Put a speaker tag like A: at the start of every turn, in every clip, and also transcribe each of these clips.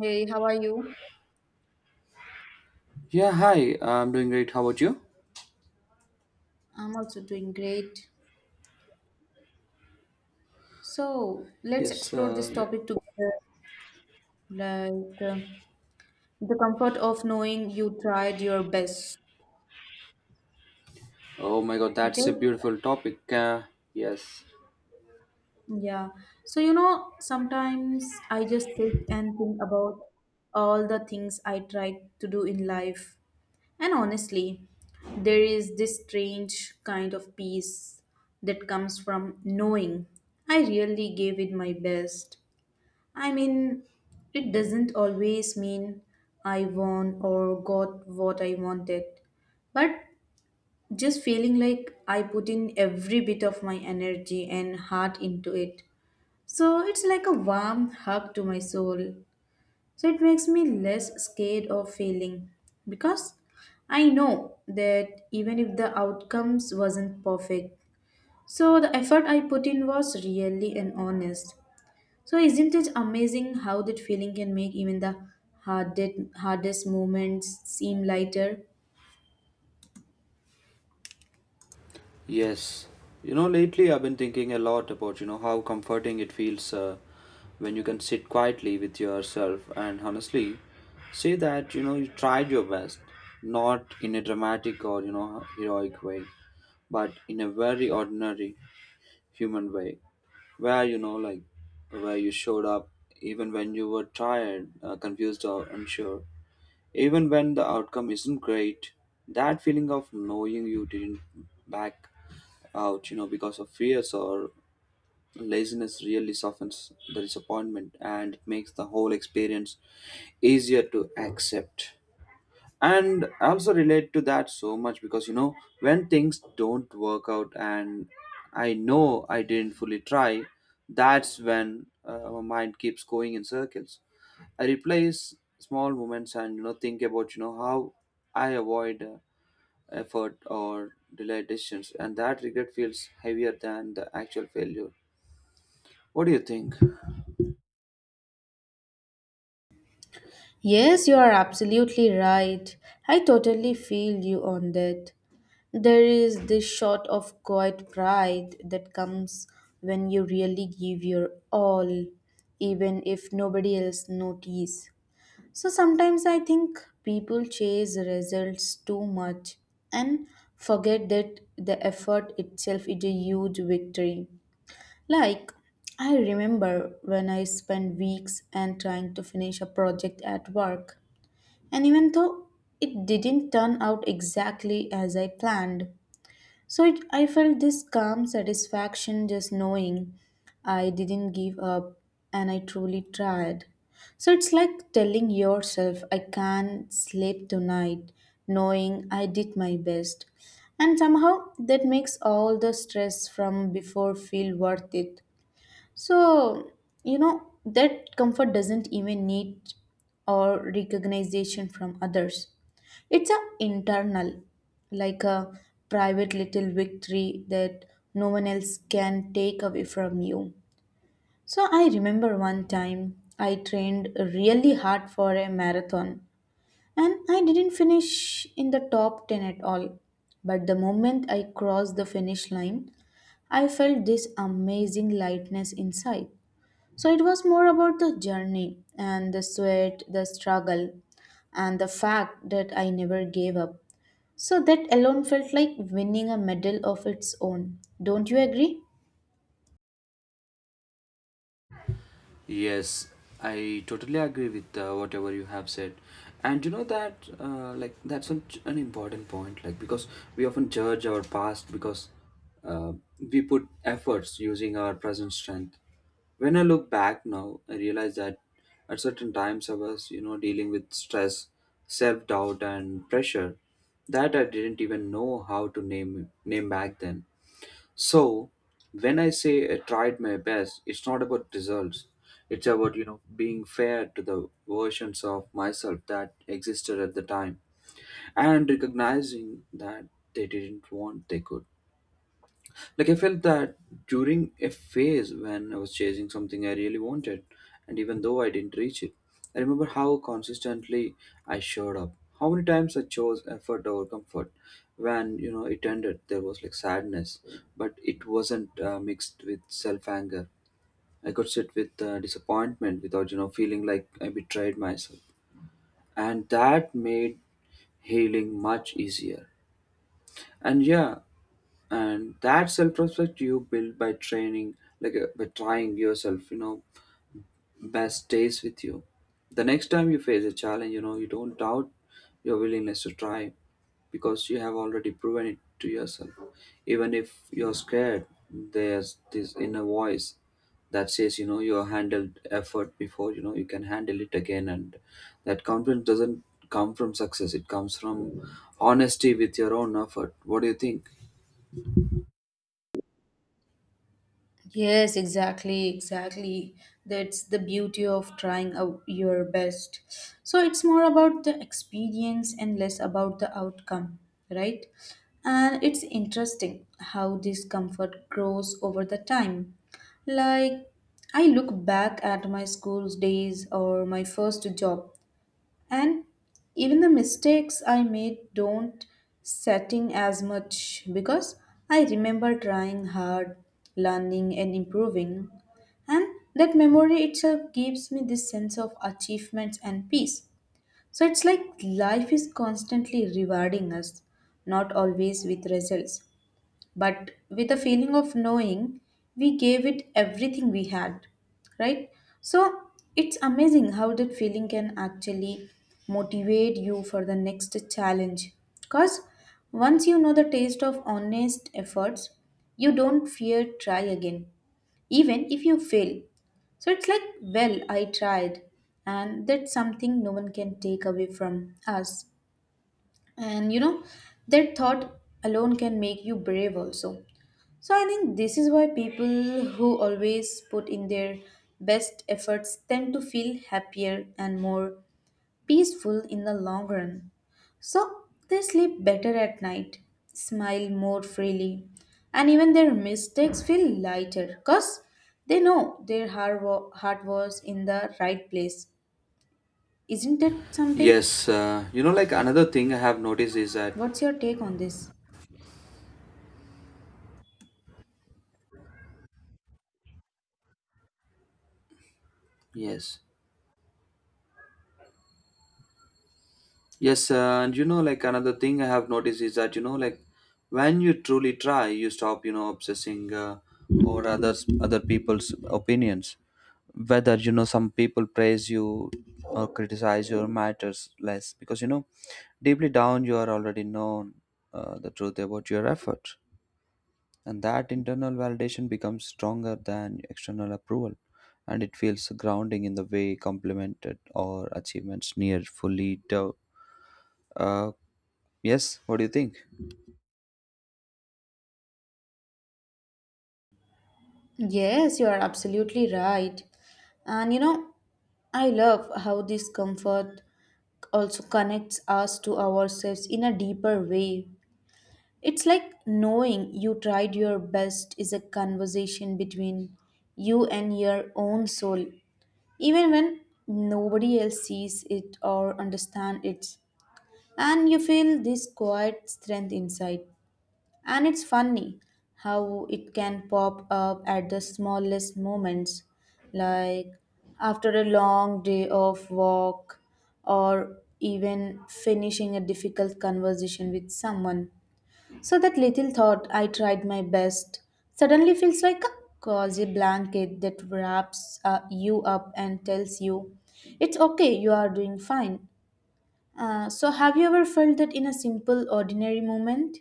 A: Hey, how are you?
B: Yeah, hi. I'm doing great. How about you?
A: I'm also doing great. So let's
B: Yes.
A: explore this topic together, like uh, the comfort of knowing you tried your best.
B: Oh my God,
A: Okay?
B: that's a beautiful topic. Yes.
A: Yeah. So, you know, sometimes I just sit and think about all the things I tried to do in life. And honestly, there is this strange kind of peace that comes from knowing I really gave it my best. I mean, it doesn't always mean I won or got what I wanted, but just feeling like I put in every bit of my energy and heart into it. So it's like a warm hug to my soul. So it makes me less scared of failing because I know that even if the outcomes wasn't perfect, so the effort I put in was really and honest. So isn't it amazing how that feeling can make even the hardest moments seem lighter?
B: Yes. You know, lately I've been thinking a lot about how comforting it feels when you can sit quietly with yourself and honestly say that you tried your best, not in a dramatic or heroic way, but in a very ordinary human way, where you know like where you showed up even when you were tired, confused, or unsure. Even when the outcome isn't great, that feeling of knowing you didn't back out, because of fears or laziness really softens the disappointment, and it makes the whole experience easier to accept. And I also relate to that so much because, when things don't work out and I know I didn't fully try, that's when my mind keeps going in circles. I replace small moments and think about how I avoid effort or delay decisions, and that regret feels heavier than the actual failure. What do you think?
A: Yes, you are absolutely right. I totally feel you on that. There is this shot of quiet pride that comes when you really give your all, even if nobody else notices. So sometimes I think people chase results too much and forget that the effort itself is a huge victory. Like, I remember when I spent weeks and trying to finish a project at work, and even though it didn't turn out exactly as I planned, so it, I felt this calm satisfaction just knowing I didn't give up and I truly tried. So it's like telling yourself, I can't sleep tonight, knowing I did my best. And somehow that makes all the stress from before feel worth it. So, you know, that comfort doesn't even need or recognition from others. It's a internal, like a private little victory that no one else can take away from you. So I remember one time I trained really hard for a marathon and I didn't finish in the top 10 at all. But the moment I crossed the finish line, I felt this amazing lightness inside. So it was more about the journey and the sweat, the struggle, and the fact that I never gave up. So that alone felt like winning a medal of its own. Don't you agree?
B: Yes, I totally agree with whatever you have said. And you know that, like, that's an important point, like, because we often judge our past because uh, we put efforts using our present strength. When I look back now, I realize that at certain times I was, you know, dealing with stress, self doubt, and pressure that I didn't even know how to name back then. So, when I say I tried my best, it's not about results. It's about, you know, being fair to the versions of myself that existed at the time and recognizing that they didn't want they could. Like I felt that during a phase when I was chasing something I really wanted, and even though I didn't reach it, I remember how consistently I showed up. How many times I chose effort over comfort. When it ended, there was like sadness, but it wasn't mixed with self anger. I could sit with disappointment without feeling like I betrayed myself, and that made healing much easier. And yeah, and that self-respect you build by training like by trying yourself best stays with you. The next time you face a challenge, you don't doubt your willingness to try, because you have already proven it to yourself. Even if you're scared, there's this inner voice that says you handled effort before, you can handle it again, and that confidence doesn't come from success. It comes from honesty with your own effort. What do you think?
A: Yes, exactly, exactly. That's the beauty of trying out your best. So it's more about the experience and less about the outcome, right? And it's interesting how this comfort grows over the time. Like I look back at my school's days or my first job and even the mistakes I made don't setting as much because I remember trying hard, learning and improving, and that memory itself gives me this sense of achievements and peace. So it's like life is constantly rewarding us, not always with results, but with a feeling of knowing we gave it everything we had, right? So it's amazing how that feeling can actually motivate you for the next challenge because once you know the taste of honest efforts, you don't fear try again even if you fail. So it's like, well, I tried, and that's something no one can take away from us. And you know, that thought alone can make you brave also. So I think this is why people who always put in their best efforts tend to feel happier and more peaceful in the long run. So they sleep better at night, smile more freely, and even their mistakes feel lighter because they know their heart, heart was in the right place. Isn't it something?
B: Yes, you know, like another thing I have noticed is that
A: What's your take on this?
B: yes, yes, and you know, like another thing I have noticed is that like when you truly try, you stop, obsessing over others, other people's opinions. Whether some people praise you or criticize you matters less, because deeply down you are already known the truth about your effort. And that internal validation becomes stronger than external approval, and it feels grounding in the way complemented or achievements near fully dev- uh, yes. What do you think?
A: Yes, you are absolutely right. And you know, I love how this comfort also connects us to ourselves in a deeper way. It's like knowing you tried your best is a conversation between you and your own soul, even when nobody else sees it or understands it. And you feel this quiet strength inside. And it's funny how it can pop up at the smallest moments, like after a long day of walk or even finishing a difficult conversation with someone. So that little thought, I tried my best, suddenly feels like a cozy blanket that wraps you up and tells you, it's okay, you are doing fine. So, have you ever felt that in a simple, ordinary moment?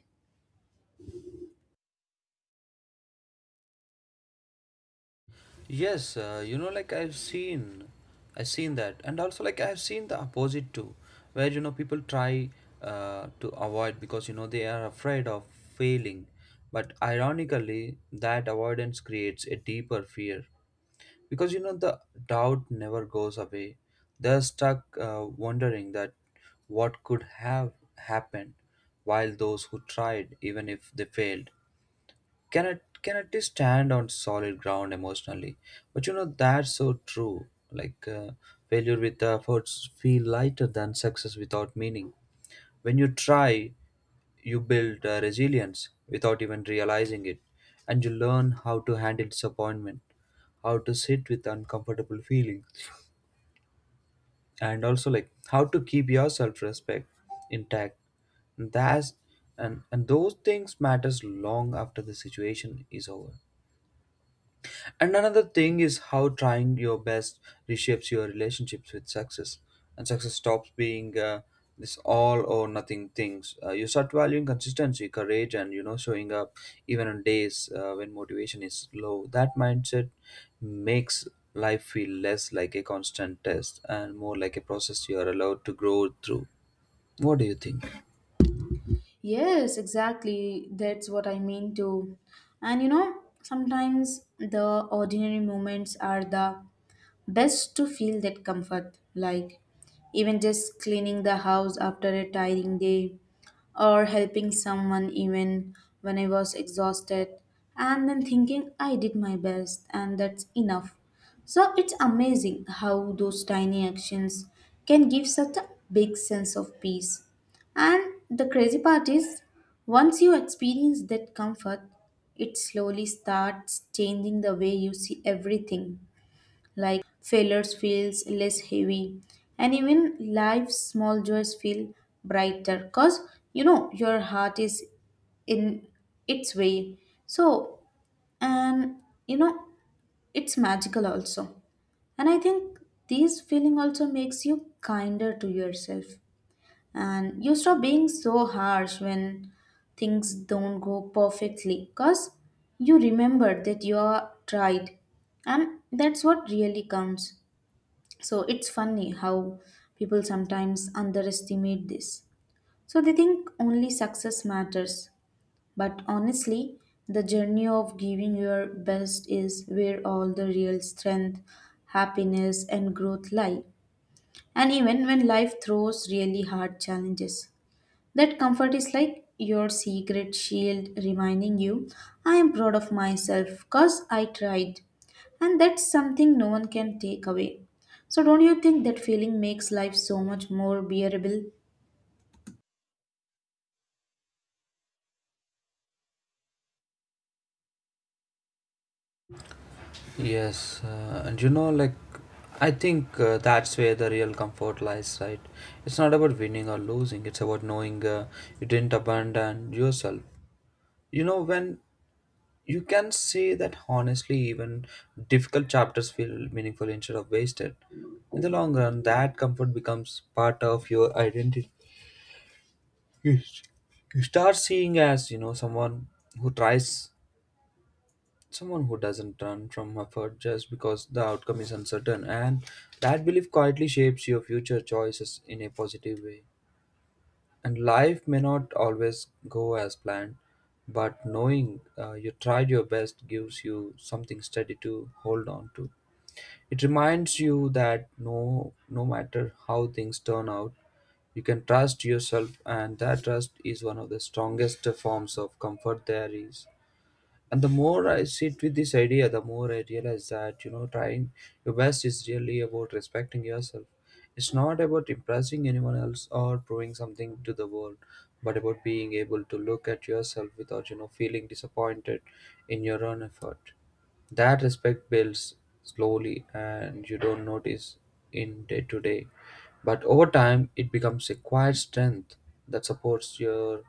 B: Yes, you know, I've seen that, and also like I've seen the opposite too, where people try to avoid because they are afraid of failing, but ironically, that avoidance creates a deeper fear because the doubt never goes away. They're stuck wondering that what could have happened, while those who tried, even if they failed, cannot just stand on solid ground emotionally. But you know that's so true, like failure with efforts feel lighter than success without meaning. When you try, you build resilience without even realizing it, and you learn how to handle disappointment, how to sit with uncomfortable feelings, and also like how to keep your self-respect intact. And that's and those things matters long after the situation is over. And another thing is how trying your best reshapes your relationships with success. And success stops being this all or nothing things. You start valuing consistency, courage, and showing up even on days when motivation is low. That mindset makes life feel less like a constant test and more like a process you are allowed to grow through. What do you think?
A: Yes, exactly. That's what I mean too. And you know, sometimes the ordinary moments are the best to feel that comfort. Like even just cleaning the house after a tiring day or helping someone even when I was exhausted, and then thinking I did my best and that's enough. So it's amazing how those tiny actions can give such a big sense of peace. And the crazy part is, once you experience that comfort, it slowly starts changing the way you see everything. Like failures feels less heavy, and even life's small joys feel brighter cause you know your heart is in its way. So, and you know, it's magical also. And I think this feeling also makes you kinder to yourself, and you stop being so harsh when things don't go perfectly cause you remember that you are tried, and that's what really counts. So it's funny how people sometimes underestimate this. So they think only success matters, but honestly, the journey of giving your best is where all the real strength, happiness, and growth lie. And even when life throws really hard challenges. That comfort is like your secret shield reminding you, I am proud of myself because I tried. And that's something no one can take away. So, don't you think that feeling makes life so much more bearable?
B: Yes, and you know, like, I think that's where the real comfort lies, right? It's not about winning or losing, it's about knowing you didn't abandon yourself. You know, when you can say that honestly, even difficult chapters feel meaningful instead of wasted. In the long run, that comfort becomes part of your identity. You, you start seeing as, you know, someone who tries, someone who doesn't run from effort just because the outcome is uncertain. And that belief quietly shapes your future choices in a positive way. And life may not always go as planned, but knowing you tried your best gives you something steady to hold on to. It reminds you that no matter how things turn out, you can trust yourself, and that trust is one of the strongest forms of comfort there is. And the more I sit with this idea, the more I realize that trying your best is really about respecting yourself. It's not about impressing anyone else or proving something to the world, but about being able to look at yourself without feeling disappointed in your own effort. That respect builds slowly and you don't notice in day to day, but over time it becomes a quiet strength that supports your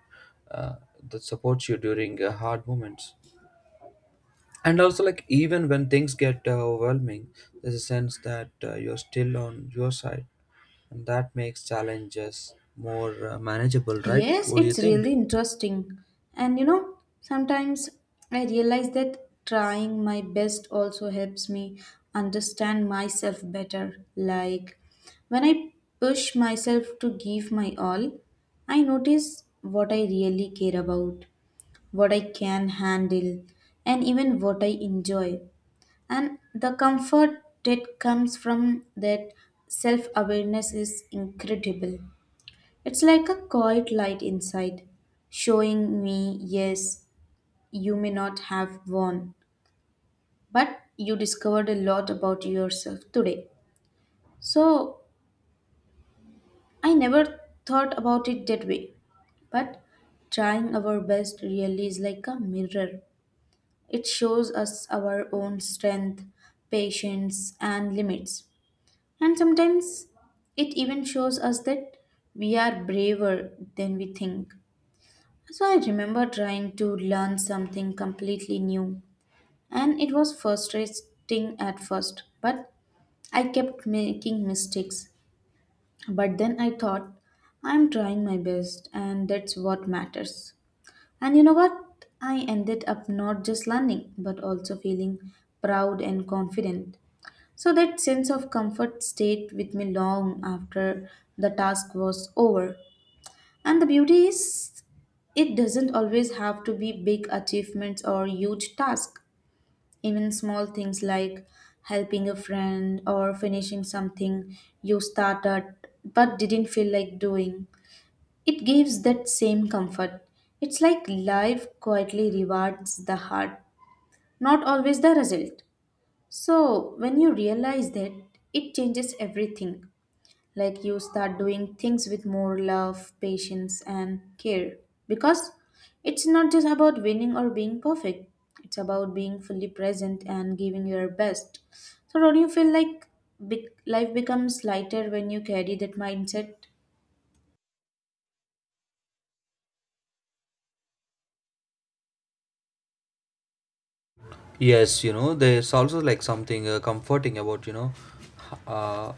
B: uh, that supports you during hard moments. And also like even when things get overwhelming, there's a sense that you're still on your side, and that makes challenges more manageable, right?
A: Yes,
B: What do
A: it's
B: you think?
A: really interesting. And you know, sometimes I realize that trying my best also helps me understand myself better. Like when I push myself to give my all, I notice what I really care about, what I can handle, and even what I enjoy. And the comfort that comes from that self awareness is incredible. It's like a quiet light inside, showing me, yes, you may not have won, but you discovered a lot about yourself today. So, I never thought about it that way, but trying our best really is like a mirror. It shows us our own strength, patience, and limits. And sometimes it even shows us that we are braver than we think. So I remember trying to learn something completely new, and it was frustrating at first, but I kept making mistakes. But then I thought, I'm trying my best, and that's what matters. And you know what? I ended up not just learning, but also feeling proud and confident. So that sense of comfort stayed with me long after the task was over. And the beauty is, it doesn't always have to be big achievements or huge tasks. Even small things like helping a friend or finishing something you started but didn't feel like doing, it gives that same comfort. It's like life quietly rewards the heart, not always the result. So, when you realize that, it changes everything. Like you start doing things with more love, patience and care because it's not just about winning or being perfect, it's about being fully present and giving your best. So don't you feel like life becomes lighter when you carry that mindset?
B: Yes, you know, there's also like something comforting about, uh,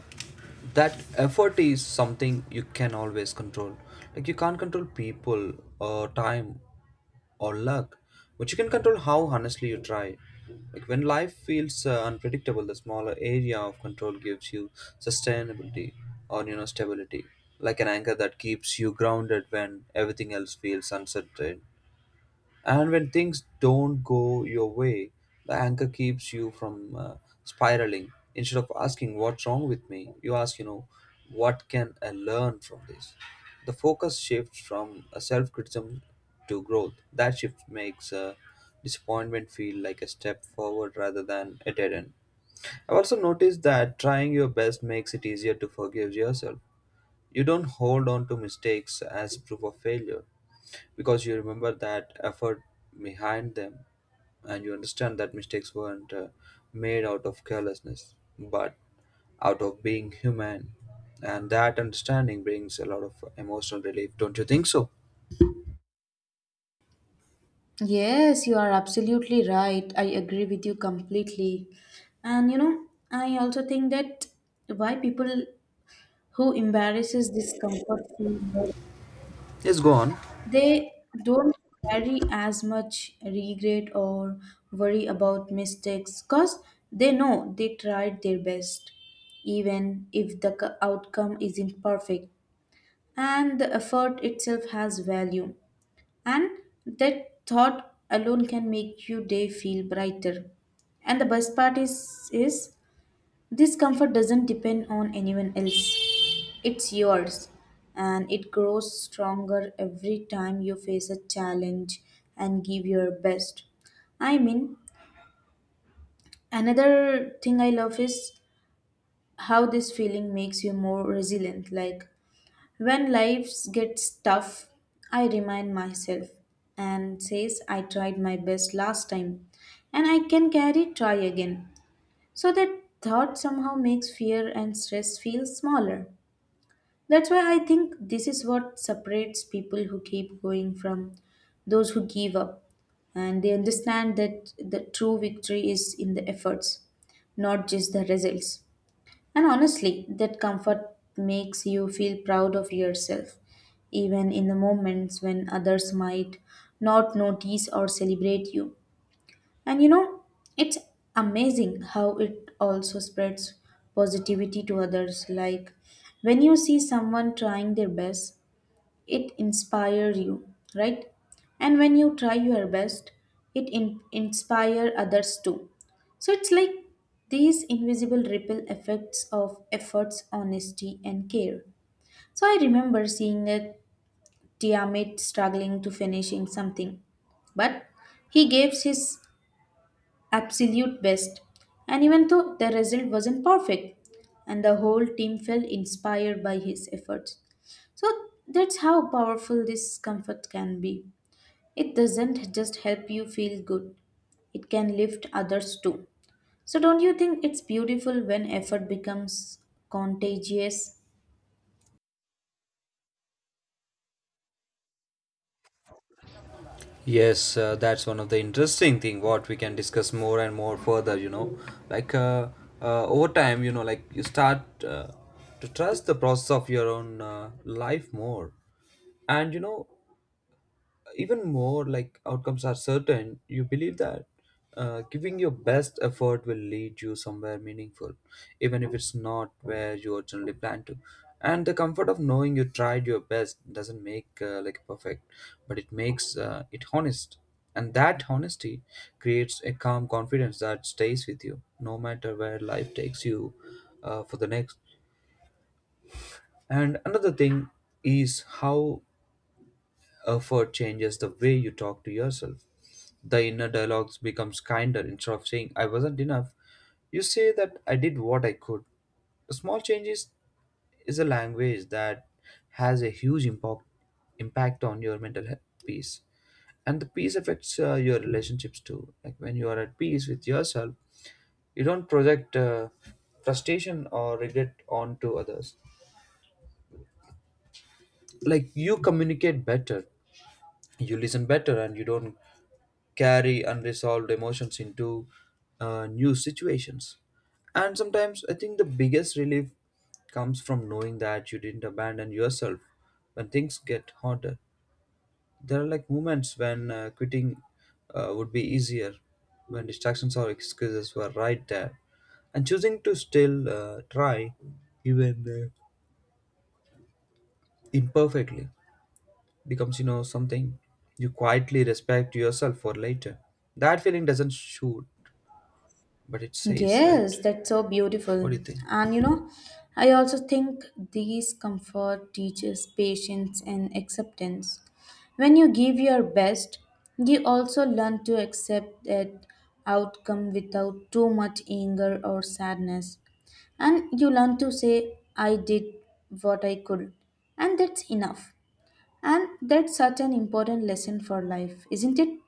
B: that effort is something you can always control. Like, you can't control people or time or luck, but you can control how honestly you try. Like, when life feels unpredictable, the smaller area of control gives you sustainability or, you know, stability, like an anchor that keeps you grounded when everything else feels uncertain. And when things don't go your way, the anchor keeps you from spiraling. Instead of asking, "What's wrong with me?" you ask, you know, "What can I learn from this?" The focus shifts from self criticism to growth. That shift makes disappointment feel like a step forward rather than a dead end. I've also noticed that trying your best makes it easier to forgive yourself. You don't hold on to mistakes as proof of failure, because you remember that effort behind them, and you understand that mistakes weren't made out of carelessness but out of being human. And that understanding brings a lot of emotional relief, don't you think so?
A: Yes, you are absolutely right. I agree with you completely. And you know, I also think that why people who embarrasses discomfort feel more.
B: Yes, go on.
A: They don't carry as much regret or worry about mistakes because they know they tried their best, even if the outcome isn't perfect. And the effort itself has value, and that thought alone can make your day feel brighter. And the best part is this comfort doesn't depend on anyone else. It's yours, and it grows stronger every time you face a challenge and give your best. I mean, another thing I love is how this feeling makes you more resilient. Like when life gets tough, I remind myself and says I tried my best last time and I can carry try again. So that thought somehow makes fear and stress feel smaller. That's why I think this is what separates people who keep going from those who give up. And they understand that the true victory is in the efforts, not just the results. And honestly, that comfort makes you feel proud of yourself, even in the moments when others might not notice or celebrate you. And you know, it's amazing how it also spreads positivity to others. Like when you see someone trying their best, it inspires you, right? And when you try your best, it inspire others too. So it's like these invisible ripple effects of efforts, honesty, and care. So I remember seeing a Tiamat struggling to finishing something, but he gave his absolute best. And even though the result wasn't perfect, and the whole team felt inspired by his efforts. So that's how powerful this comfort can be. It doesn't just help you feel good, it can lift others too. So don't you think it's beautiful when effort becomes contagious?
B: Yes, that's one of the interesting thing what we can discuss more and more further, you know. Like uh, over time, like you start to trust the process of your own life more. And you know, even more like outcomes are certain, you believe that giving your best effort will lead you somewhere meaningful, even if it's not where you originally planned to. And the comfort of knowing you tried your best doesn't make like perfect, but it makes it honest. And that honesty creates a calm confidence that stays with you no matter where life takes you, for the next. And another thing is how effort changes the way you talk to yourself. The inner dialogues becomes kinder. Instead of saying I wasn't enough, you say that I did what I could. Small changes is a language that has a huge impact on your mental health peace. And the peace affects your relationships too. Like when you are at peace with yourself, you don't project frustration or regret onto others. Like you communicate better, you listen better, and you don't carry unresolved emotions into new situations. And sometimes I think the biggest relief comes from knowing that you didn't abandon yourself when things get harder. There are like moments when quitting would be easier, when distractions or excuses were right there, and choosing to still try, even imperfectly, becomes something you quietly respect yourself for later. That feeling doesn't shoot but it says right.
A: Yes, that's so
B: What do
A: beautiful.
B: you think?
A: And you know, I also think these comfort teaches patience and acceptance. When you give your best, you also learn to accept that outcome without too much anger or sadness. And you learn to say, I did what I could, and that's enough. And that's such an important lesson for life, isn't it?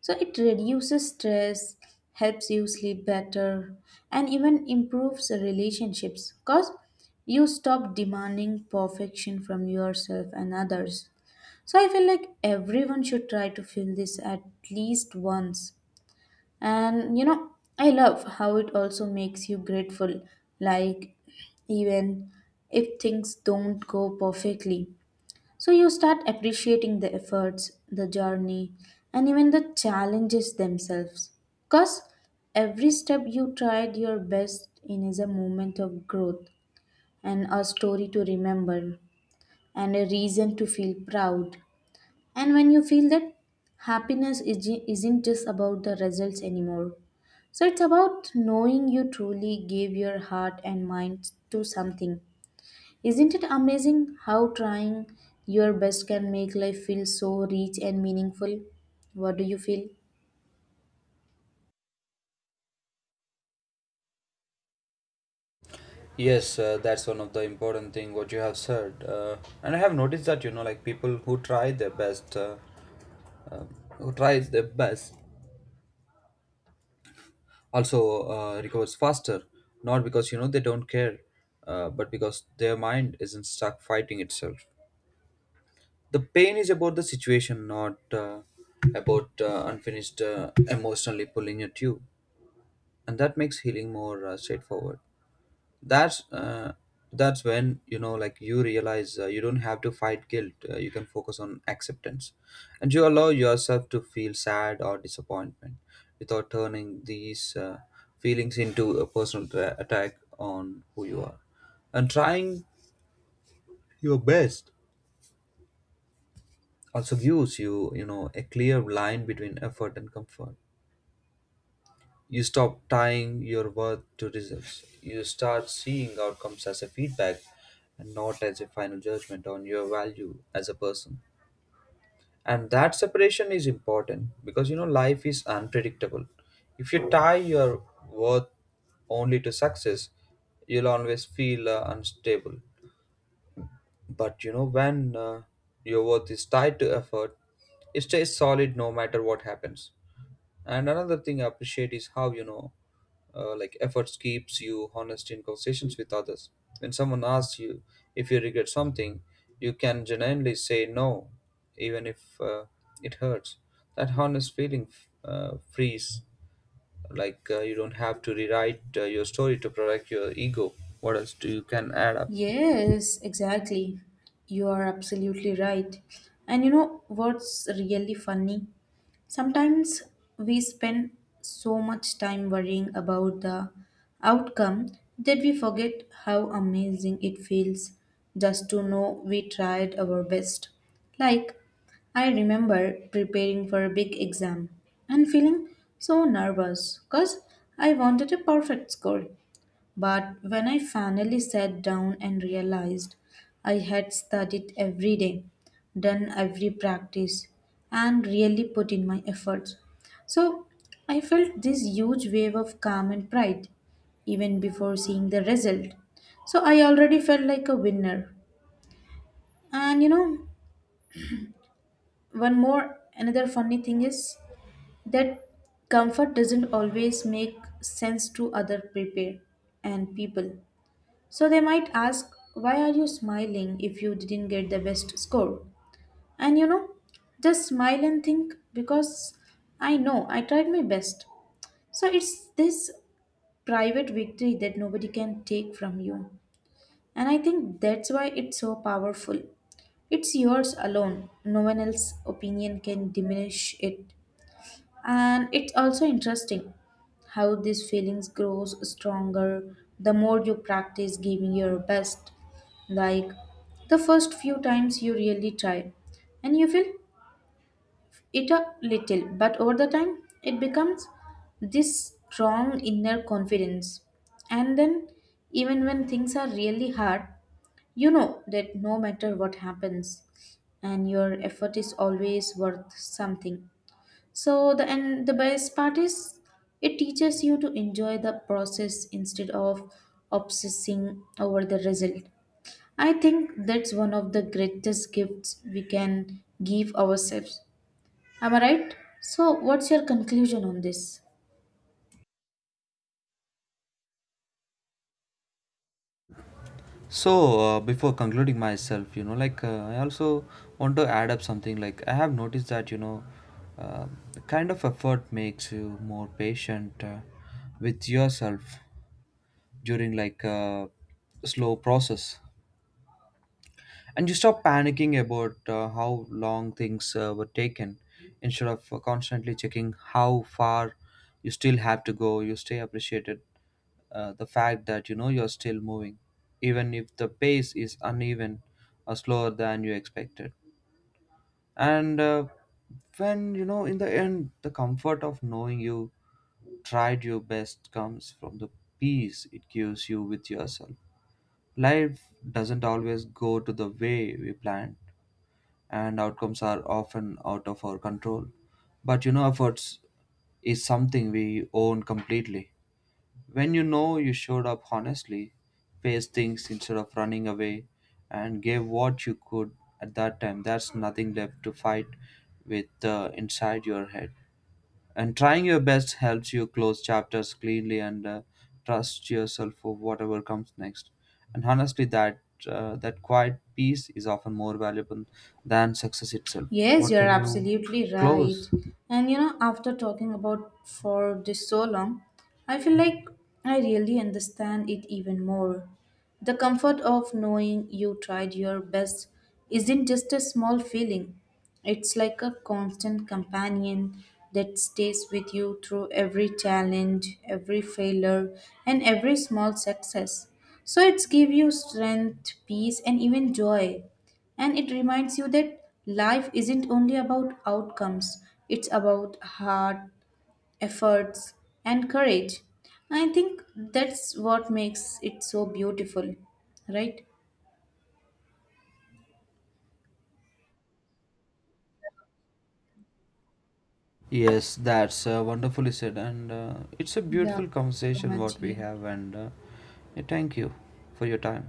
A: So it reduces stress, helps you sleep better, and even improves relationships because you stop demanding perfection from yourself and others. So I feel like everyone should try to feel this at least once. And you know, I love how it also makes you grateful, like even if things don't go perfectly. So you start appreciating the efforts, the journey, and even the challenges themselves. Because every step you tried your best in is a moment of growth and a story to remember and a reason to feel proud. And when you feel that happiness isn't just about the results anymore. So it's about knowing you truly gave your heart and mind to something. Isn't it amazing how trying your best can make life feel so rich and meaningful? What do you feel?
B: Yes, that's one of the important thing what you have said. And I have noticed that like people who try their best who tries their best also recovers faster, not because they don't care, but because their mind isn't stuck fighting itself. The pain is about the situation, not about unfinished emotionally pulling at you, and that makes healing more straightforward. that's uh, that's when like you realize you don't have to fight guilt. You can focus on acceptance, and you allow yourself to feel sad or disappointment without turning these feelings into a personal attack on who you are. And trying your best also gives you you know a clear line between effort and comfort. You stop tying your worth to results. You start seeing outcomes as a feedback and not as a final judgment on your value as a person. And that separation is important, because you know life is unpredictable. If you tie your worth only to success, you'll always feel unstable. But you know when your worth is tied to effort, it stays solid no matter what happens. And another thing I appreciate is how you know, like efforts keeps you honest in conversations with others. When someone asks you if you regret something, you can genuinely say no, even if it hurts. That honest feeling frees. Like you don't have to rewrite your story to protect your ego. What else do you can add up?
A: Yes, exactly. You are absolutely right. And you know what's really funny? Sometimes we spend so much time worrying about the outcome that we forget how amazing it feels just to know we tried our best. Like, I remember preparing for a big exam and feeling so nervous because I wanted a perfect score. But when I finally sat down and realized I had studied every day, done every practice, and really put in my efforts, so I felt this huge wave of calm and pride even before seeing the result. So I already felt like a winner. And you know, one more another funny thing is that comfort doesn't always make sense to other people and people. So they might ask, why are you smiling if you didn't get the best score? And you know, just smile and think because I know I tried my best. So it's this private victory that nobody can take from you. And I think that's why it's so powerful. It's yours alone, no one else's opinion can diminish it. And it's also interesting how these feelings grows stronger the more you practice giving your best, like the first few times you really try and you feel it a little, but over the time it becomes this strong inner confidence. And then even when things are really hard, you know that no matter what happens, and your effort is always worth something. So the and the best part is it teaches you to enjoy the process instead of obsessing over the result. I think that's one of the greatest gifts we can give ourselves. Am I right? So what's your conclusion on this?
B: So, before concluding myself, you know, like I also want to add up something. Like I have noticed that uh, the kind of effort makes you more patient with yourself during like a slow process, and you stop panicking about how long things were taken, instead of constantly checking how far you still have to go. You stay appreciated the fact that you're still moving, even if the pace is uneven or slower than you expected. And When you know, in the end, the comfort of knowing you tried your best comes from the peace it gives you with yourself. Life doesn't always go to the way we planned, and outcomes are often out of our control. But you know, efforts is something we own completely. When you know you showed up honestly, faced things instead of running away, and gave what you could at that time, there's nothing left to fight with inside your head. And trying your best helps you close chapters cleanly and trust yourself for whatever comes next. And honestly, that quiet peace is often more valuable than success itself.
A: Yes,
B: What
A: you're
B: can you
A: absolutely right.
B: close?
A: And you know, after talking about for this so long, I feel like I really understand it even more. The comfort of knowing you tried your best isn't just a small feeling, it's like a constant companion that stays with you through every challenge, every failure, and every small success. So it's give you strength, peace, and even joy. And it reminds you that life isn't only about outcomes, it's about heart, efforts, and courage. I think that's what makes it so beautiful, right?
B: Yes, that's wonderfully said, and it's a
A: Yeah,
B: beautiful
A: so
B: conversation what
A: much.
B: we
A: Yeah.
B: have, and yeah, thank you for your time.